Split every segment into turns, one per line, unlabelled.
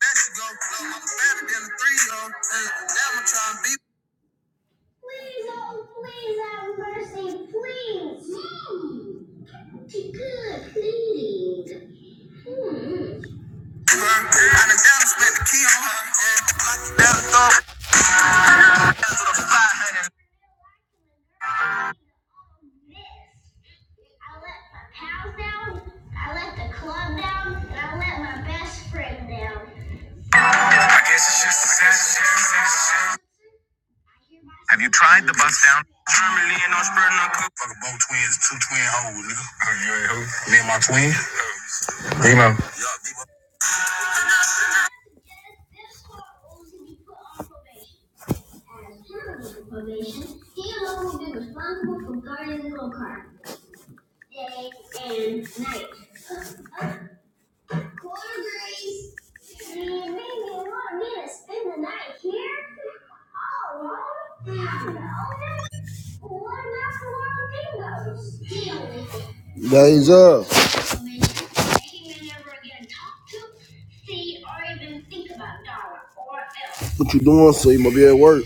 That she go, go, I'm better than a three yo. Hey, damn, I'm trying to be her. I done down and spent the key on her. Yeah, like you down throw five hundred. I guess it's just a sense. I the bus down. Germany and no spread no cook. Fuck both twins, two twin hoes, nigga. Oh, you ain't hoe. Me and my twin. Nemo. Days up. What you doing? So you might be at work.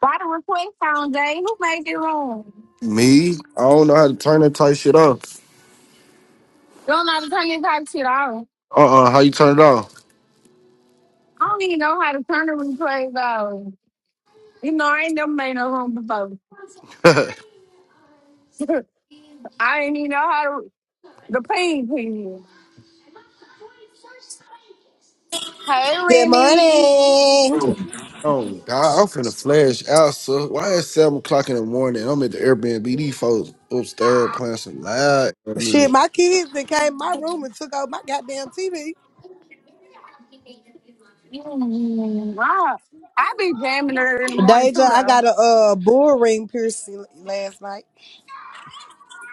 Why the request on, Jay? Who made it wrong? You
Me? I don't know how to turn that tight shit off.
don't know how to turn this type of shit off.
Uh uh how you turn it off?
I don't even know how to turn the replays off. You know, I ain't never made no room before. I ain't even know how to, the pain pin. Hey,
Good
Remy.
morning.
Oh God, I'm finna flash out, so why at seven o'clock in the morning? I'm at the Airbnb. These folks upstairs playing some loud
Shit,
music.
my kids that came in my room and took out my goddamn TV.
Mm, wow. I be jamming her in the morning,
Deja,
too,
I
though.
got a uh bull ring piercing last night.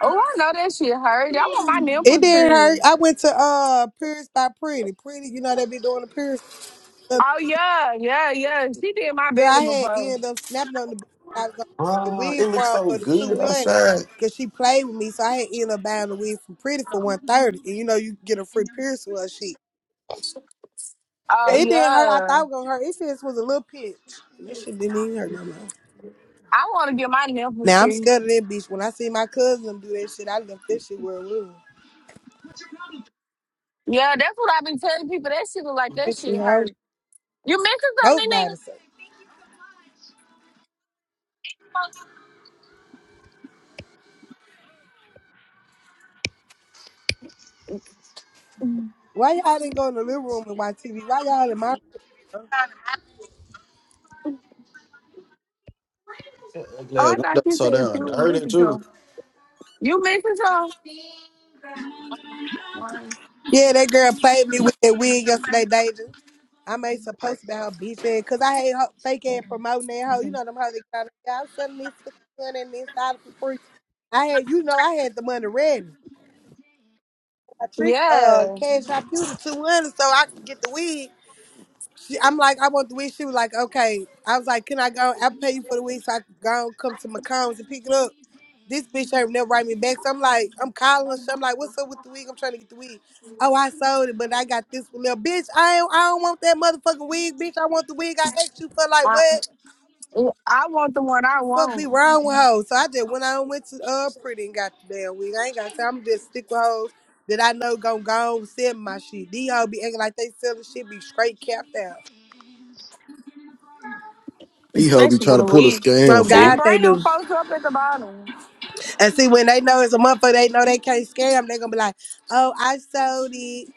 Oh, I know that shit hurt. I want my
It
nipples
didn't hurt.
through.
I went to uh Pierce by Pretty. Pretty, you know they be doing the piercing.
Oh, yeah, yeah, yeah. She did my
Girl,
baby
I had
before.
ended up snapping on the bitch I was gonna get the
Bro,
wig
it looks
from
so
for the
good
two hundred
outside.
because she played with me, so I had ended up buying the wig from Pretty for one thirty. And you know you can get a free piercing with her shit.
Oh,
It didn't hurt. I
yeah.
thought it was gonna hurt. It just was a little pinch. That shit didn't even hurt no more.
I want to get my nipples
Now I'm
through.
scared of that bitch. When I see my cousin do that shit, I left that shit where it was.
Yeah, that's what I've been telling people. That shit look like that
That shit
shit
house.
hurt. You missing
Nobody say.
something, nigga?
Why y'all didn't go in the living room and watch TV? Why y'all in my room?
That
Oh,
Glad
I thought
window
you said
so
you
damn
were
dirty
missing
too.
something. You missing something? One,
Yeah, that girl played me with that wig yesterday, Deja. I made some post about her bitch ass because I hate her fake ass promoting that hoe. You
two.
know them hoes that kind of yeah, I'm selling this for 200 and this dollar for free. I had you know I had the money ready. I tricked uh
Yeah.
cash out you to two hundred so I could get the wig. I'm like, I want the wig. She was like, okay. I was like, can I go? I'll pay you for the wig so I can go and come to McCombs and pick it up. This bitch ain't never write me back. So I'm like, I'm calling her. So I'm like, what's up with the wig? I'm trying to get the wig. Oh, I sold it, but I got this one. Little bitch, I ain't, I don't want that motherfucking wig, bitch. I want the wig I asked you for. Like,
I,
what?
I want the one I
Fuck be
want,
wrong with hoes. So I just went on went to uh pretty and got the damn wig. I ain't got time. I'm just stick with hoes that I know gonna go and sell my shit. These hoes be acting like they selling shit, be straight capped out.
These hoes be
especially
trying
with
to
a
pull a
wig.
Oh
scam,
Jay,
fool.
God, they
bring
do.
them folks up at the bottom.
And see, when they know it's a motherfucker, they know they can't scam. They gonna be like, "Oh, I sold it,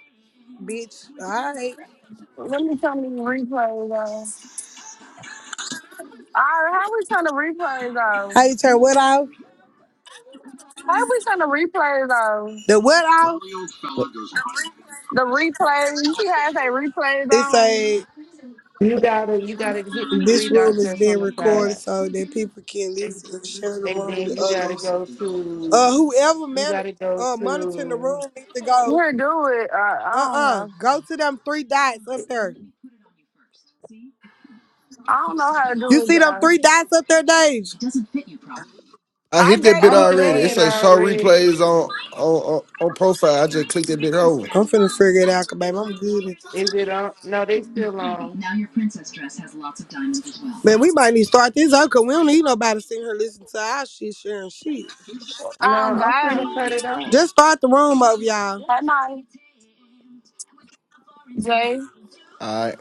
bitch." All right,
Let me turn these replays off. All right, how we turn the replays off?
how you turn what off?
How we turn the replays off?
The what off?
The replays, you see how I say replays
It's
on?
a
You gotta you gotta hit the three
this room
dots
is
that's on
being
the
recorded
side.
so that people can listen and share the
And
room
then
with
you gotta
others.
go
Uh,
to
whoever
you
man
gotta go
uh monitoring the room
to
needs to go.
You do it. I, I
Uh
don't
uh
know.
go to them three dots up there.
I don't know how to do
You
it,
see them
guys.
three dots up there, Dave?
I
I
hit that
gave
bit
you
I'm
a
already.
doing
It
it
say
bean.
show
already.
replays on on on, on profile. I just clicked that bit over.
I'm finna figure it out, 'cause, babe. I'm good.
Is it on no they still on.
Man, we might need to start this out because we don't need nobody sitting here listening to our shit, sharing shit.
No,
Um,
I'm
God.
finna cut it off.
Just start the room over, y'all.
Good night, Jay.
All right.